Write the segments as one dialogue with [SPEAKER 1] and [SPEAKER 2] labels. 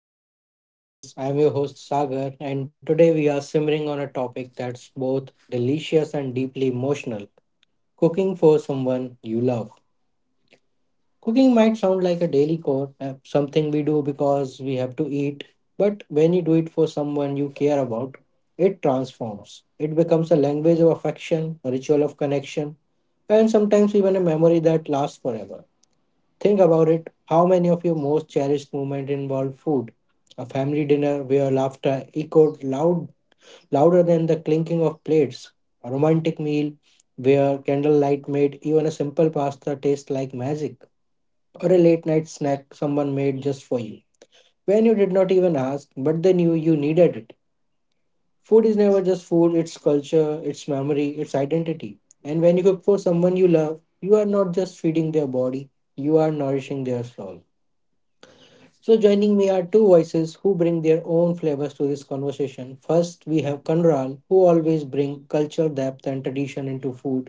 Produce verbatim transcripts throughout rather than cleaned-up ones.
[SPEAKER 1] welcome to Talk with Viz. I am your host Sagar, and today we are simmering on a topic that's both delicious and deeply emotional cooking for someone you love. Cooking might sound like a daily chore, uh, something we do because we have to eat, but when you do it for someone you care about, it transforms. It becomes a language of affection, a ritual of connection, and sometimes even a memory that lasts forever. Think about it. How many of your most cherished moments involve food? A family dinner where laughter echoed loud, louder than the clinking of plates. A romantic meal where candlelight made even a simple pasta taste like magic. Or a late night snack someone made just for you, when you did not even ask, but they knew you needed it. Food is never just food, it's culture, it's memory, it's identity. And when you cook for someone you love, you are not just feeding their body, you are nourishing their soul. So, joining me are two voices who bring their own flavors to this conversation. First, we have Kanral, who always brings culture depth and tradition into food.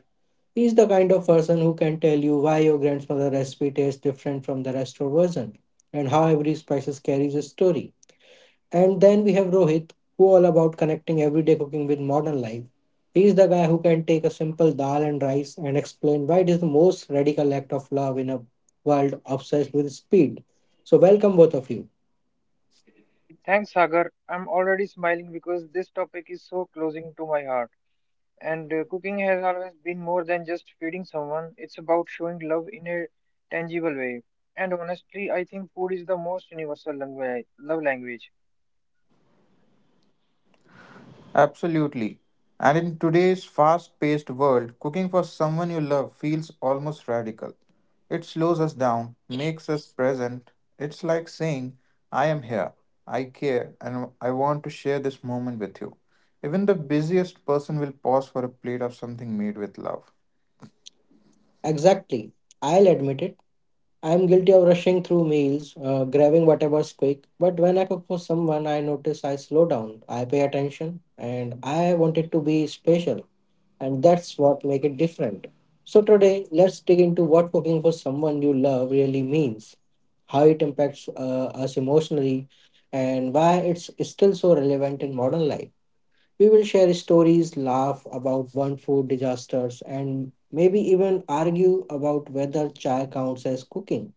[SPEAKER 1] He is the kind of person who can tell you why your grandmother's recipe tastes different from the restaurant version, and how every spices carries a story. And then we have Rohit, who all about connecting everyday cooking with modern life. He is the guy who can take a simple dal and rice and explain why it is the most radical act of love in a world obsessed with speed. So welcome both of you.
[SPEAKER 2] Thanks, Sagar. I'm already smiling because this topic is so closing to my heart. And uh, Cooking has always been more than just feeding someone, it's about showing love in a tangible way. And honestly, I think food is the most universal language, love language.
[SPEAKER 3] Absolutely. And in today's fast paced world, cooking for someone you love feels almost radical. It slows us down, makes us present. It's like saying, I am here, I care, and I want to share this moment with you. Even the busiest person will pause for a plate of something made with love.
[SPEAKER 1] Exactly. I'll admit it. I'm guilty of rushing through meals, uh, grabbing whatever's quick. But when I cook for someone, I notice I slow down, I pay attention, and I want it to be special. And that's what make it different. So today, let's dig into what cooking for someone you love really means, how it impacts uh, us emotionally, and why it's still so relevant in modern life. We will share stories, laugh about burnt food disasters, and maybe even argue about whether chai counts as cooking.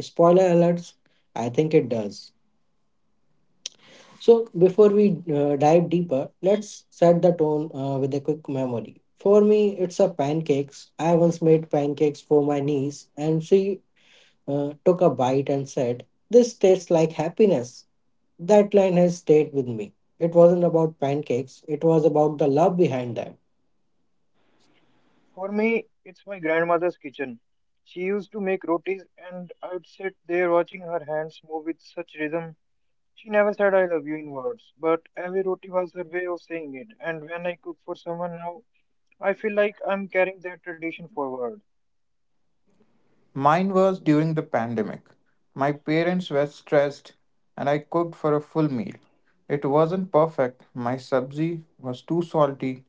[SPEAKER 1] Spoiler alerts, I think it does. So, before we uh, dive deeper, let's set the tone uh, with a quick memory. For me, it's a pancakes. I once made pancakes for my niece, and she uh, took a bite and said, "This tastes like happiness." That line has stayed with me. It wasn't about pancakes, it was about the love behind them.
[SPEAKER 2] For me, it's my grandmother's kitchen. She used to make rotis, and I would sit there watching her hands move with such rhythm. She never said I love you in words, but every roti was her way of saying it. And when I cook for someone now, I feel like I'm carrying that tradition forward.
[SPEAKER 3] Mine was during the pandemic. My parents were stressed and I cooked for a full meal. It wasn't perfect. My sabzi was too salty,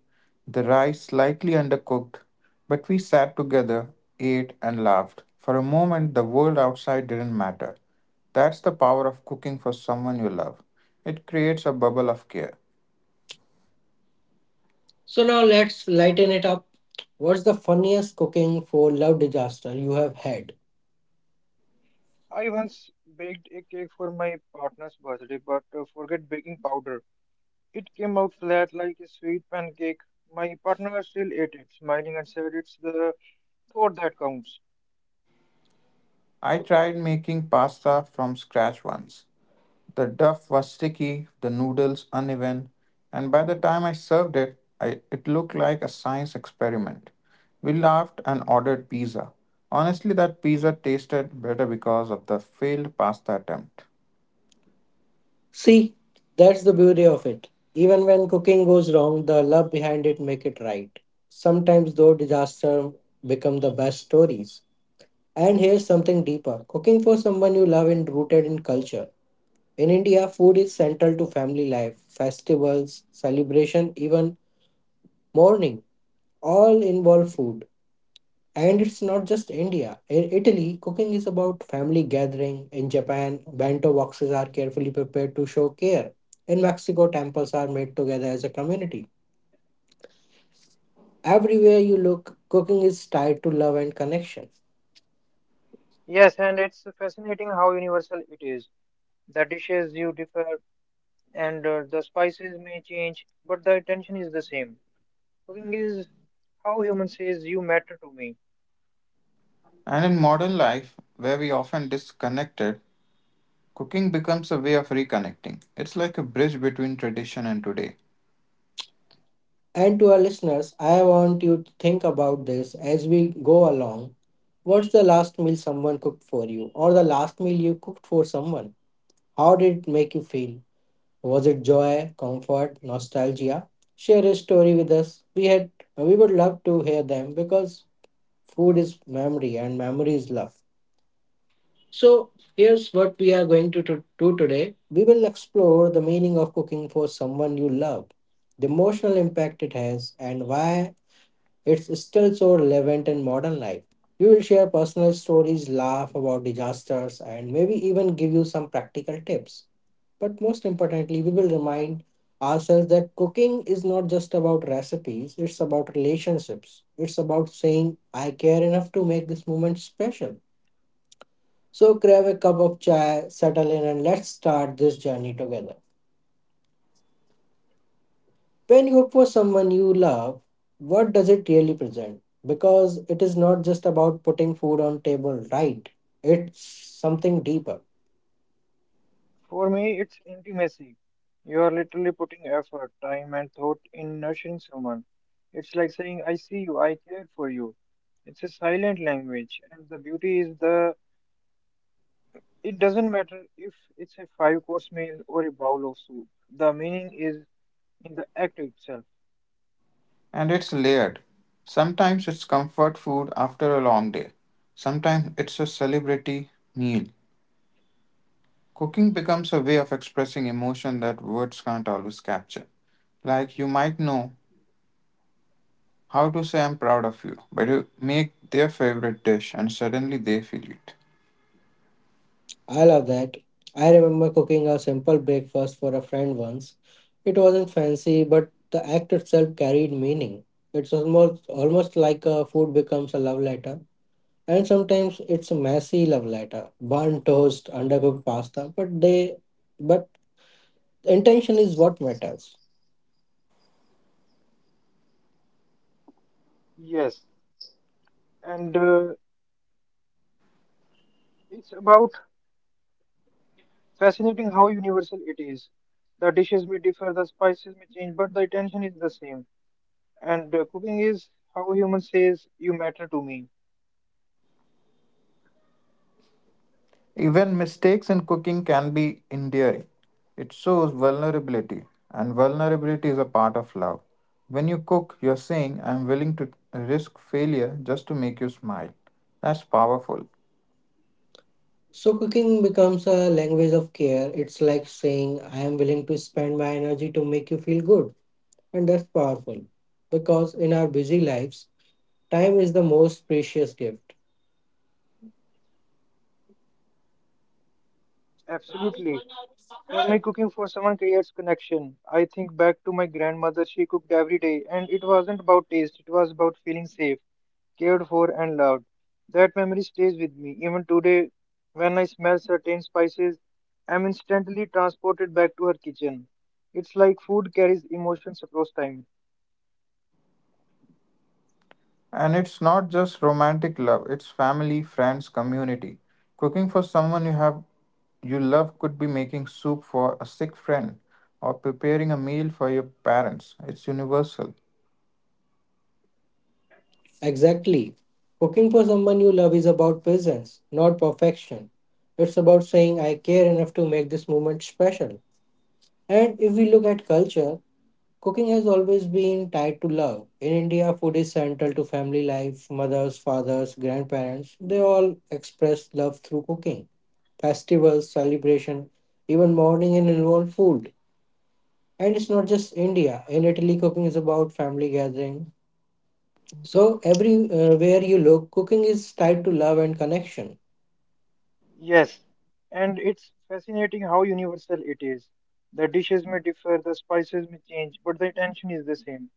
[SPEAKER 3] the rice slightly undercooked, but we sat together, ate, and laughed. For a moment, the world outside didn't matter. That's the power of cooking for someone you love. It creates a bubble of care.
[SPEAKER 1] So now let's lighten it up. What's the funniest cooking for love disaster you have had?
[SPEAKER 2] I once baked a cake for my partner's birthday, but uh, forget baking powder. It came out flat like a sweet pancake. My partner still ate it, smiling and said it's the thought that counts.
[SPEAKER 3] I tried making pasta from scratch once. The duff was sticky, the noodles uneven, and by the time I served it, I, it looked like a science experiment. We laughed and ordered pizza. Honestly, that pizza tasted better because of the failed pasta attempt.
[SPEAKER 1] See, that's the beauty of it. Even when cooking goes wrong, the love behind it make it right. Sometimes though disaster become the best stories. And here's something deeper. Cooking for someone you love and rooted in culture. In India, food is central to family life. Festivals, celebration, even mourning all involve food. And it's not just India. In Italy, cooking is about family gathering. In Japan, bento boxes are carefully prepared to show care. In Mexico, temples are made together as a community. Everywhere you look, cooking is tied to love and connection.
[SPEAKER 2] Yes, and it's fascinating how universal it is. The dishes you differ and uh, the spices may change, but the intention is the same. Cooking is how human says you matter to me.
[SPEAKER 3] And in modern life, where we often disconnected, cooking becomes a way of reconnecting. It's like a bridge between tradition and today.
[SPEAKER 1] And to our listeners, I want you to think about this as we go along. What's the last meal someone cooked for you, or the last meal you cooked for someone? How did it make you feel? Was it joy, comfort, nostalgia? Share a story with us. We had we would love to hear them because food is memory and memory is love. So here's what we are going to to- do today. We will explore the meaning of cooking for someone you love, the emotional impact it has, and why it's still so relevant in modern life. We will share personal stories, laugh about disasters, and maybe even give you some practical tips. But most importantly, we will remind ourselves that cooking is not just about recipes, it's about relationships. It's about saying, I care enough to make this moment special. So grab a cup of chai, settle in, and let's start this journey together. When you cook for someone you love, what does it really present? Because it is not just about putting food on table, right? It's something deeper.
[SPEAKER 2] For me, it's intimacy. You are literally putting effort, time, and thought in nurturing someone. It's like saying, I see you, I care for you. It's a silent language, and the beauty is the it doesn't matter if it's a five course meal or a bowl of soup. The meaning is in the act itself.
[SPEAKER 3] And it's layered. Sometimes it's comfort food after a long day. Sometimes it's a celebrity meal. Cooking becomes a way of expressing emotion that words can't always capture. Like you might know how to say I'm proud of you, but you make their favorite dish and suddenly they feel it.
[SPEAKER 1] I love that. I remember cooking a simple breakfast for a friend once. It wasn't fancy, but the act itself carried meaning. It's almost almost like a food becomes a love letter. And sometimes it's a messy love letter. Burnt toast, undercooked pasta, but they but intention is what matters.
[SPEAKER 2] Yes, and uh, it's about fascinating how universal it is. The dishes may differ, the spices may change, but the intention is the same. And uh, Cooking is how a human says, you matter to me.
[SPEAKER 3] Even mistakes in cooking can be endearing. It shows vulnerability, and vulnerability is a part of love. When you cook, you're saying, I'm willing to risk failure just to make you smile. That's powerful.
[SPEAKER 1] So cooking becomes a language of care. It's like saying I am willing to spend my energy to make you feel good. And that's powerful because in our busy lives time is the most precious gift.
[SPEAKER 2] Absolutely. For me, cooking for someone creates connection. I think back to my grandmother, she cooked every day, and it wasn't about taste, it was about feeling safe, cared for, and loved. That memory stays with me. Even today, when I smell certain spices, I'm instantly transported back to her kitchen. It's like food carries emotions across time.
[SPEAKER 3] And it's not just romantic love, it's family, friends, community. Cooking for someone you have you love could be making soup for a sick friend or preparing a meal for your parents. It's universal.
[SPEAKER 1] Exactly. Cooking for someone you love is about presence, not perfection. It's about saying, I care enough to make this moment special. And if we look at culture, cooking has always been tied to love. In India, food is central to family life. Mothers, fathers, grandparents, they all express love through cooking. Festivals, celebration, even mourning and involve food. And it's not just India. In Italy, cooking is about family gathering. So everywhere you look, cooking is tied to love and connection.
[SPEAKER 2] Yes, and it's fascinating how universal it is. The dishes may differ, the spices may change, but the intention is the same.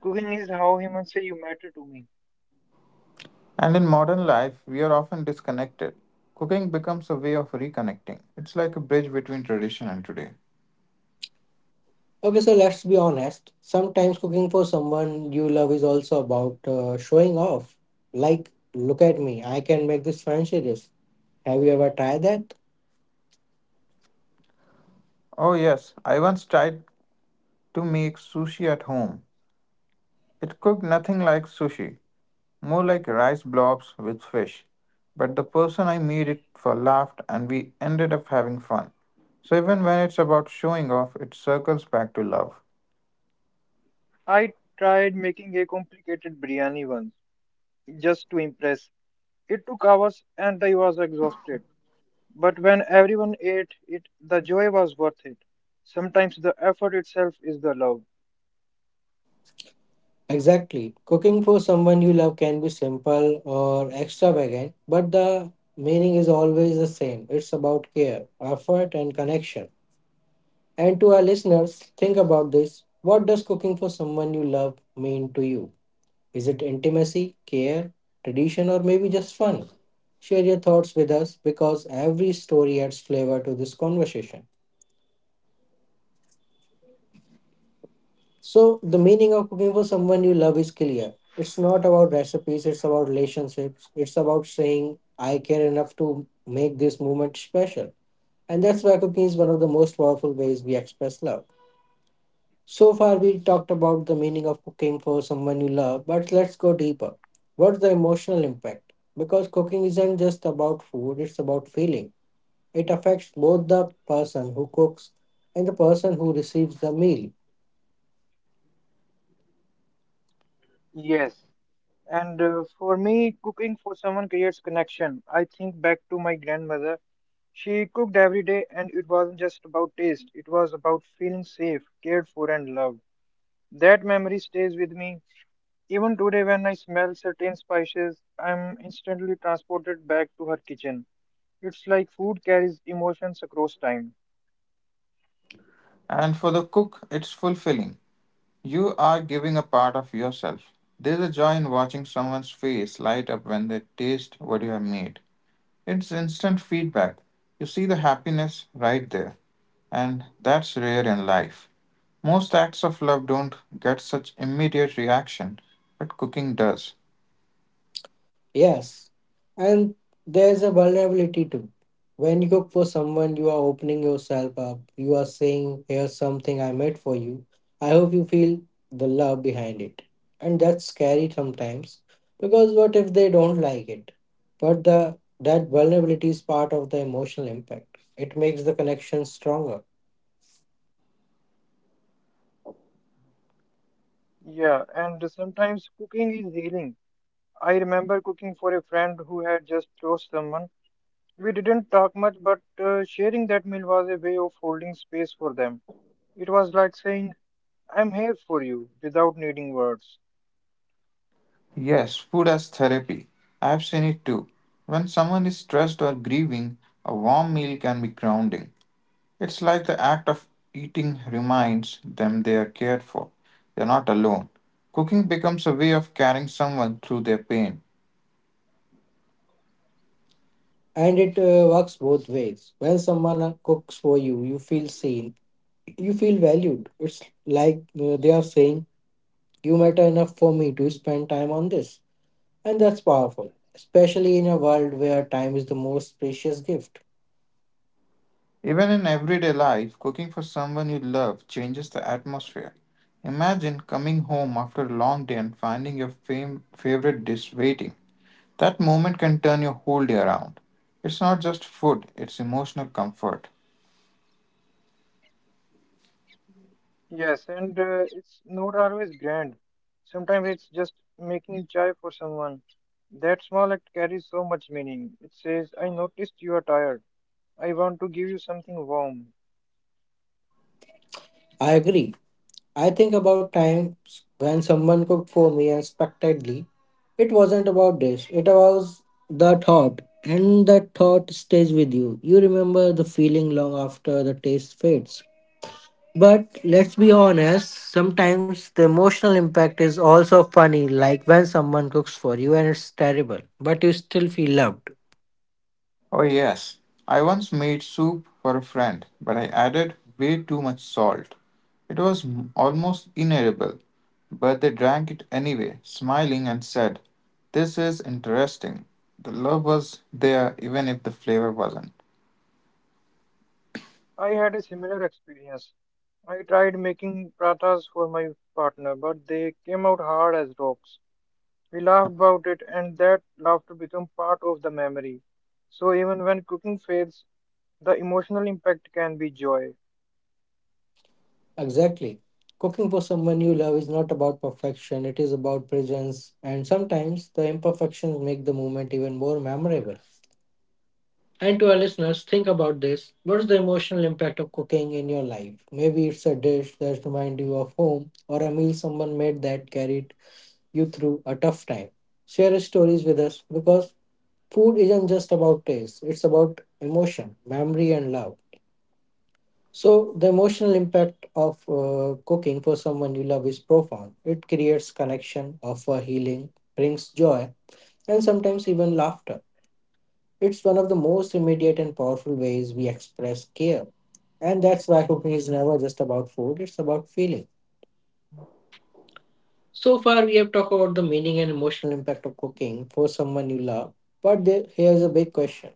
[SPEAKER 2] Cooking is how humans say you matter to me.
[SPEAKER 3] And in modern life, we are often disconnected. Cooking becomes a way of reconnecting. It's like a bridge between tradition and today.
[SPEAKER 1] Okay, so let's be honest. Sometimes cooking for someone you love is also about uh, showing off. Like, look at me, I can make this fancy dish. Have you ever tried that?
[SPEAKER 3] Oh, yes, I once tried to make sushi at home. It cooked nothing like sushi, more like rice blobs with fish. But the person I made it for laughed, and we ended up having fun. So, even when it's about showing off, it circles back to love.
[SPEAKER 2] I tried making a complicated biryani once, just to impress. It took hours and I was exhausted. But when everyone ate it, the joy was worth it. Sometimes the effort itself is the love.
[SPEAKER 1] Exactly. Cooking for someone you love can be simple or extravagant, but the meaning is always the same. It's about care, effort, and connection. And to our listeners, think about this. What does cooking for someone you love mean to you? Is it intimacy, care, tradition, or maybe just fun? Share your thoughts with us because every story adds flavor to this conversation. So, the meaning of cooking for someone you love is clear. It's not about recipes, it's about relationships. It's about saying, I care enough to make this moment special. And that's why cooking is one of the most powerful ways we express love. So far, we talked about the meaning of cooking for someone you love, but let's go deeper. What's the emotional impact? Because cooking isn't just about food, it's about feeling. It affects both the person who cooks and the person who receives the meal.
[SPEAKER 2] Yes. And uh, For me, cooking for someone creates connection. I think back to my grandmother. She cooked every day, and it wasn't just about taste, it was about feeling safe, cared for, and loved. That memory stays with me. Even today, when I smell certain spices, I'm instantly transported back to her kitchen. It's like food carries emotions across time.
[SPEAKER 3] And for the cook, it's fulfilling. You are giving a part of yourself. There's a joy in watching someone's face light up when they taste what you have made. It's instant feedback. You see the happiness right there, and that's rare in life. Most acts of love don't get such immediate reaction, but cooking does.
[SPEAKER 1] Yes, and there's a vulnerability too. When you cook for someone, you are opening yourself up. You are saying, "Here's something I made for you. I hope you feel the love behind it." And that's scary sometimes because what if they don't like it? But the that vulnerability is part of the emotional impact. It makes the connection stronger.
[SPEAKER 2] Yeah, and sometimes cooking is healing. I remember cooking for a friend who had just lost someone. We didn't talk much, but uh, sharing that meal was a way of holding space for them. It was like saying, I'm here for you without needing words.
[SPEAKER 3] Yes, food as therapy. I've seen it too. When someone is stressed or grieving, a warm meal can be grounding. It's like the act of eating reminds them they are cared for. They're not alone. Cooking becomes a way of carrying someone through their pain.
[SPEAKER 1] And it uh, works both ways. When someone uh, cooks for you, you feel seen, you feel valued. It's like uh, they are saying, "You matter enough for me to spend time on this." And that's powerful, especially in a world where time is the most precious gift.
[SPEAKER 3] Even in everyday life, cooking for someone you love changes the atmosphere. Imagine coming home after a long day and finding your fam- favorite dish waiting. That moment can turn your whole day around. It's not just food, it's emotional comfort.
[SPEAKER 2] Yes, and uh, it's not always grand. Sometimes it's just making chai for someone. That small act carries so much meaning. It says, I noticed you are tired. I want to give you something warm.
[SPEAKER 1] I agree. I think about times when someone cooked for me and unexpectedly. It wasn't about dish, it was the thought. And that thought stays with you. You remember the feeling long after the taste fades. But let's be honest, sometimes the emotional impact is also funny, like when someone cooks for you and it's terrible, but you still feel loved.
[SPEAKER 3] Oh, yes. I once made soup for a friend, but I added way too much salt. It was m- almost inedible, but they drank it anyway, smiling and said, "This is interesting." The love was there even if the flavor wasn't.
[SPEAKER 2] I had a similar experience. I tried making pratas for my partner, but they came out hard as rocks. We laughed about it, and that laughter became part of the memory. So even when cooking fails, the emotional impact can be joy.
[SPEAKER 1] Exactly. Cooking for someone you love is not about perfection, it is about presence, and sometimes the imperfections make the moment even more memorable. And to our listeners, think about this. What's the emotional impact of cooking in your life? Maybe it's a dish that reminds you of home or a meal someone made that carried you through a tough time. Share your stories with us because food isn't just about taste, it's about emotion, memory, and love. So, the emotional impact of uh, cooking for someone you love is profound. It creates connection, offer healing, brings joy, and sometimes even laughter. It's one of the most immediate and powerful ways we express care. And that's why cooking is never just about food, it's about feeling. So far, we have talked about the meaning and emotional impact of cooking for someone you love. But there, here's a big question,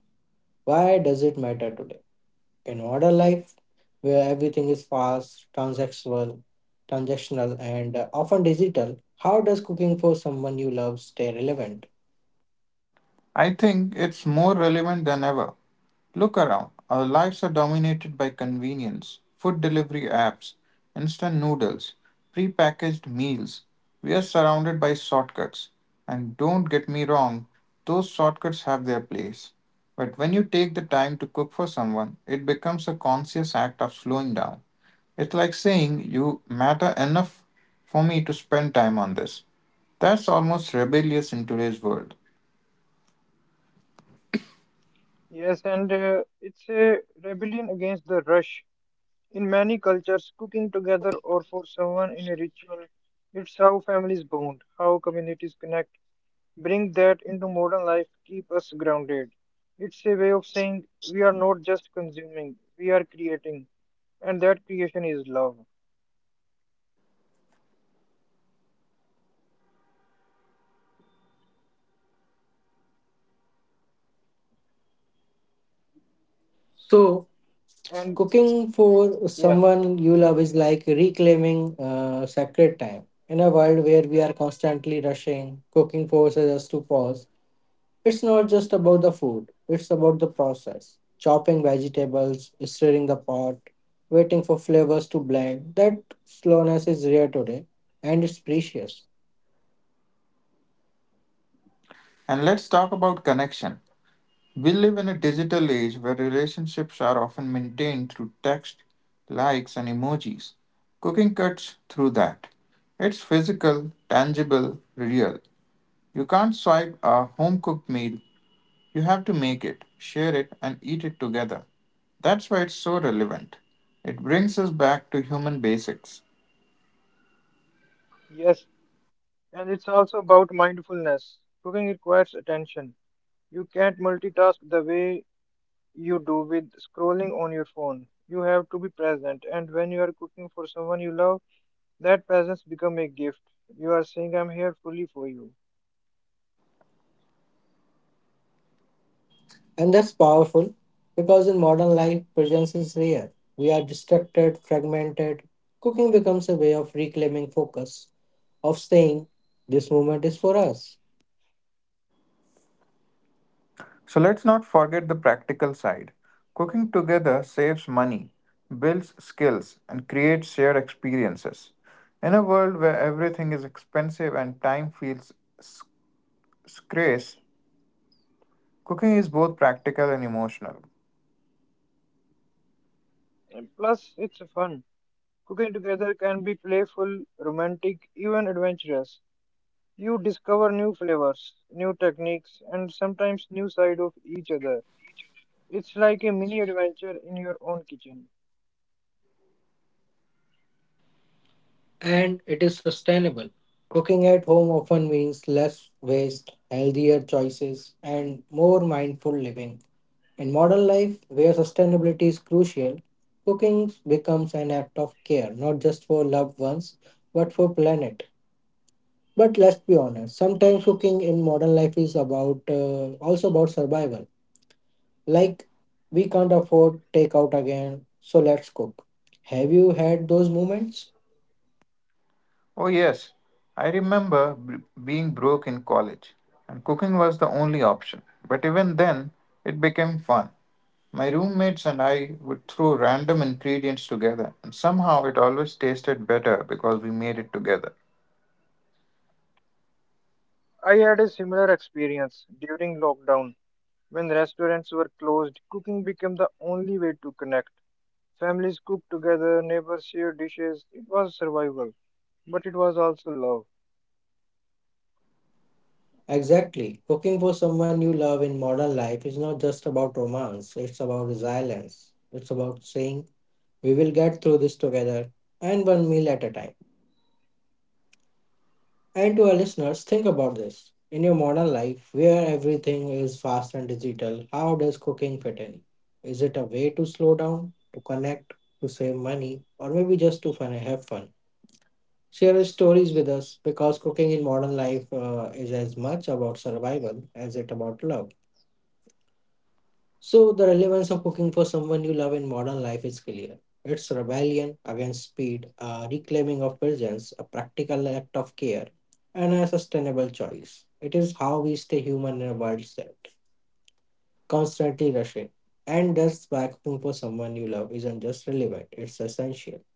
[SPEAKER 1] why does it matter today? In modern life, where everything is fast, transactional, transactional, and uh, often digital, how does cooking for someone you love stay relevant?
[SPEAKER 3] I think it's more relevant than ever. Look around. Our lives are dominated by convenience, food delivery apps, instant noodles, prepackaged meals. We are surrounded by shortcuts. And don't get me wrong, those shortcuts have their place. But when you take the time to cook for someone, it becomes a conscious act of slowing down. It's like saying, "You matter enough for me to spend time on this." That's almost rebellious in today's world.
[SPEAKER 2] Yes, and uh, it's a rebellion against the rush. In many cultures, cooking together or for someone in a ritual, it's how families bond, how communities connect. Bring that into modern life, keep us grounded. It's a way of saying we are not just consuming, we are creating, and that creation is love.
[SPEAKER 1] So,
[SPEAKER 2] And
[SPEAKER 1] cooking for
[SPEAKER 2] yeah,
[SPEAKER 1] someone you love is like reclaiming uh, sacred time. In a world where we are constantly rushing, cooking forces us to pause. It's not just about the food, it's about the process. Chopping vegetables, stirring the pot, waiting for flavors to blend. That slowness is rare today, and it's precious.
[SPEAKER 3] And let's talk about connection. We live in a digital age where relationships are often maintained through text, likes, and emojis. Cooking cuts through that. It's physical, tangible, real. You can't swipe a home cooked meal, you have to make it, share it, and eat it together. That's why it's so relevant. It brings us back to human basics.
[SPEAKER 2] yes, and it's also about mindfulness. Cooking requires attention. You can't multitask the way you do with scrolling on your phone. You have to be present, and when you are cooking for someone you love, that presence become a gift. You are saying, "I'm here fully for you."
[SPEAKER 1] And that's powerful because in modern life, presence is rare. We are distracted, fragmented. Cooking becomes a way of reclaiming focus, of saying, This moment is for us.
[SPEAKER 3] So let's not forget the practical side. Cooking together saves money, builds skills, and creates shared experiences. In a world where everything is expensive and time feels s- scarce, cooking is both practical and emotional.
[SPEAKER 2] And plus, it's fun. Cooking together can be playful, romantic, even adventurous. You discover new flavors, new techniques, and sometimes new side of each other. It's like a mini adventure in your own kitchen.
[SPEAKER 1] And it is sustainable. Cooking at home often means less waste, healthier choices, and more mindful living. In modern life, where sustainability is crucial, cooking becomes an act of care, not just for loved ones, but for planet. But let's be honest, sometimes cooking in modern life is about uh, also about survival. Like we can't afford takeout again, so let's cook. Have you had those moments?
[SPEAKER 3] Oh, yes, I remember b- being broke in college, and cooking was the only option. But even then, it became fun. My roommates and I would throw random ingredients together, and somehow it always tasted better because we made it together.
[SPEAKER 2] I had a similar experience during lockdown. When restaurants were closed, cooking became the only way to connect. Families cooked together, neighbors shared dishes. It was survival, but it was also love.
[SPEAKER 1] Exactly. Cooking for someone you love in modern life is not just about romance, it's about resilience. It's about saying, we will get through this together and one meal at a time. And to our listeners, think about this. In your modern life, where everything is fast and digital, how does cooking fit in? Is it a way to slow down, to connect, to save money, or maybe just to fun have fun? Share your stories with us because cooking in modern life uh, is as much about survival as it about love. So, the relevance of cooking for someone you love in modern life is clear. It's rebellion against speed, a reclaiming of presence, a practical act of care, and a sustainable choice. It is how we stay human in a world that constantly rushing. And thus, by cooking for someone you love isn't just relevant, it's essential.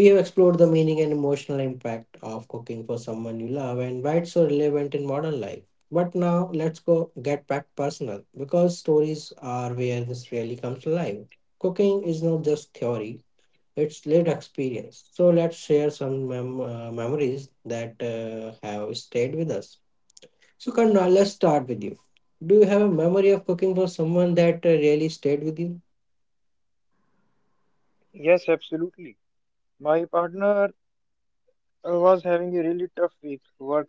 [SPEAKER 1] We have explored the meaning and emotional impact of cooking for someone you love and why it's so relevant in modern life. But now let's go get back personal because stories are where this really comes alive. Cooking is not just theory, it's lived experience. So let's share some mem- uh, memories that uh, have stayed with us. So, Karna, let's start with you. Do you have a memory of cooking for someone that uh, really stayed with you?
[SPEAKER 2] Yes, absolutely. My partner uh, was having a really tough week. Work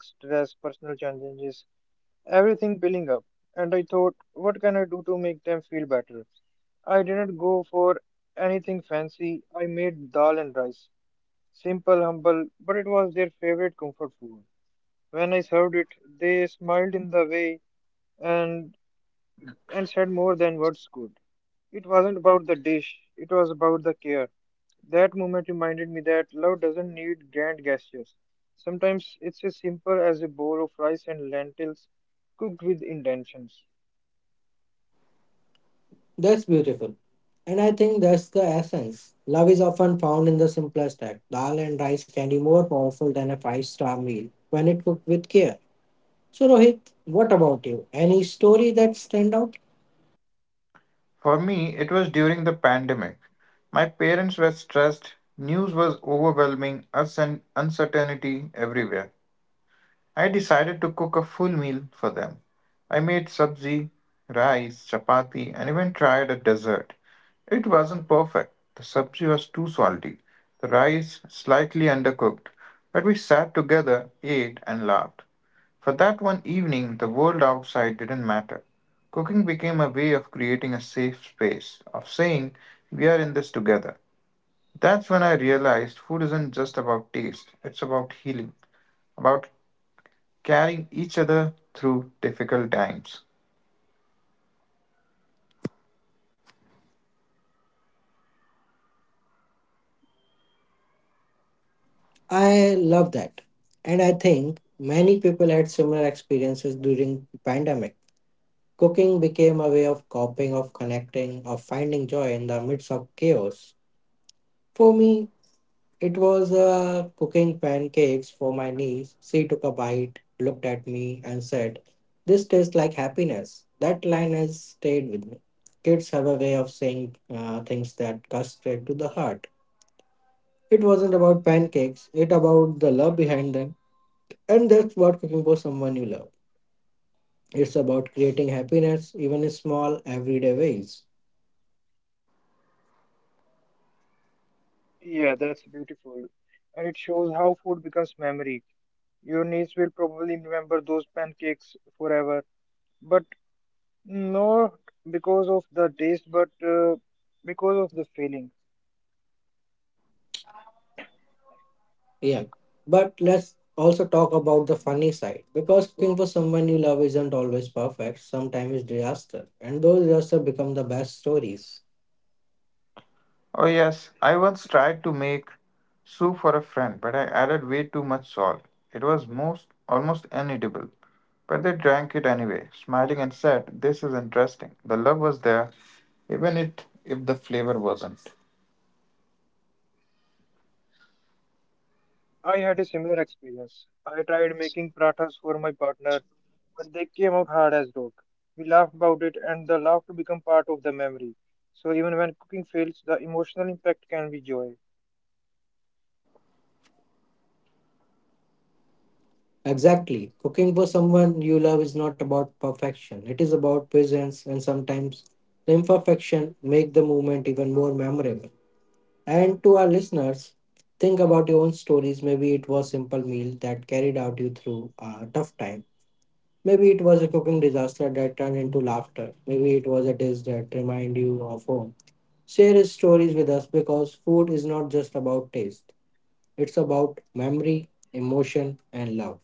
[SPEAKER 1] That's beautiful. And I think that's the essence. Love is often found in the simplest act. Dal and rice can be more powerful than a five star meal when it cooked with care. So, Rohit, what about you? Any story that stand out?
[SPEAKER 3] For me, it was during the pandemic. My parents were stressed, news was overwhelming, us and uncertainty everywhere. I decided to cook a full meal for them. I made sabzi, rice, chapati, and even tried a dessert. It wasn't perfect. The sabzi was too salty, the rice slightly undercooked, but we sat together, ate, and laughed. For that one evening, the world outside didn't matter. Cooking became a way of creating a safe space, of saying, we are in this together. That's when I realized food isn't just about taste, it's about healing, about carrying each other through difficult times.
[SPEAKER 1] I love that. And I think many people had similar experiences during the pandemic. Cooking became a way of coping, of connecting, of finding joy in the midst of chaos. For me, it was uh, cooking pancakes for my niece. She took a bite, looked at me, and said, This tastes like happiness. That line has stayed with me. Kids have a way of saying uh, things that cut straight to the heart. It wasn't about pancakes, it about the love behind them. And that's what cooking for someone you love. It's about creating happiness, even in small, everyday ways. Yeah, but let's also talk about the funny side because cooking for someone you love isn't always perfect. Sometimes it's disaster, and those disasters become the best stories.
[SPEAKER 3] Oh, yes, I once tried to make soup for a friend, but I added way too much salt. It was most almost uneatable, but they drank it anyway, smiling and said, "This is interesting." The love was there, even it, if the flavor wasn't.
[SPEAKER 1] Exactly, cooking for someone you love is not about perfection. It is about presence, and sometimes the imperfection make the moment even more memorable. And to our listeners, think about your own stories. Maybe it was simple meal that carried out you through a tough time. Maybe it was a cooking disaster that turned into laughter. Maybe it was a dish that reminded you of home. Share your stories with us because food is not just about taste. It's about memory, emotion, and love.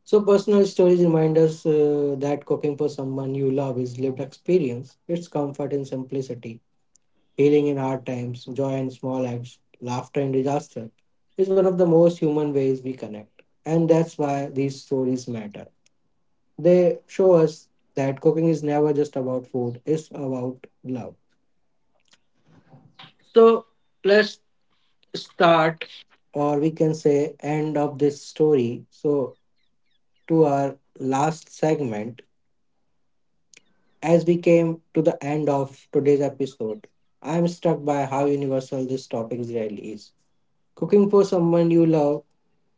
[SPEAKER 1] So personal stories remind us uh, that cooking for someone you love is lived experience. It's comfort in simplicity, healing in hard times, joy in small acts, laughter in disaster. Is one of the most human ways we connect, and that's why these stories matter. They show us that cooking is never just about food, it's about love. So let's start. Or we can say, end of this story. So, to our last segment, as we came to the end of today's episode, I'm struck by how universal this topic really is. Cooking for someone you love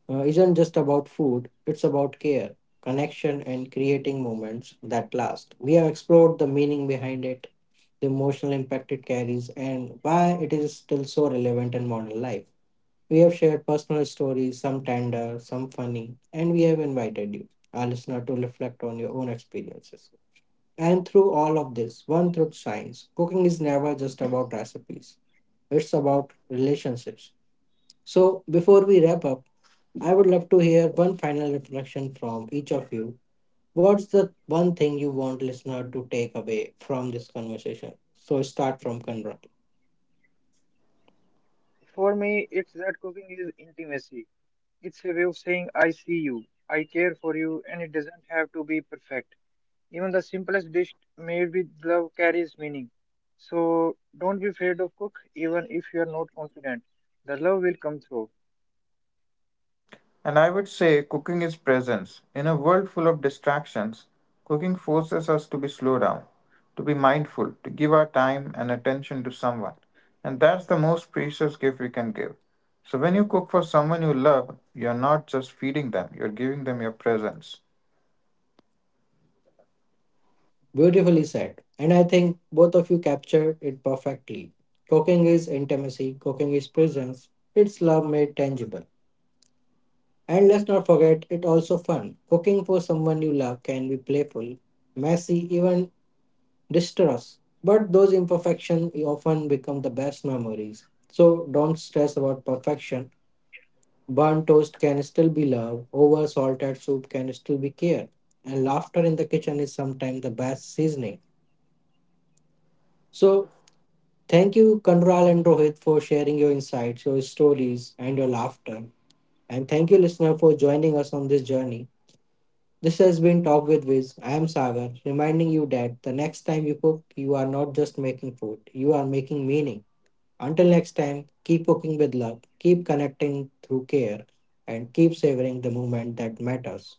[SPEAKER 1] uh, isn't just about food, it's about care, connection, and creating moments that last. We have explored the meaning behind it, the emotional impact it carries, and why it is still so relevant in modern life. We have shared personal stories, some tender, some funny, and we have invited you, our listener, to reflect on your own experiences. And through all of this, one truth shines cooking is never just about recipes, it's about relationships. So, before we wrap up, I would love to hear one final reflection from each of you. What's the one thing you want listener to take away from this conversation? So start from Kanra.
[SPEAKER 3] And I would say cooking is presence. In a world full of distractions, cooking forces us to be slow down, to be mindful, to give our time and attention to someone. And that's the most precious gift we can give. So when you cook for someone you love, you're not just feeding them, you're giving them your presence.
[SPEAKER 1] Beautifully said. And I think both of you captured it perfectly. Cooking is intimacy, cooking is presence, it's love made tangible. And let's not forget, it's also fun. Cooking for someone you love can be playful, messy, even distress. But those imperfections often become the best memories. So don't stress about perfection. Burnt toast can still be love, over salted soup can still be care. And laughter in the kitchen is sometimes the best seasoning. So thank you, Kanral and Rohit, for sharing your insights, your stories, and your laughter. And thank you, listener, for joining us on this journey. This has been Talk with Wiz. I am Sagar, reminding you that the next time you cook, you are not just making food, you are making meaning. Until next time, keep cooking with love, keep connecting through care, and keep savoring the moment that matters.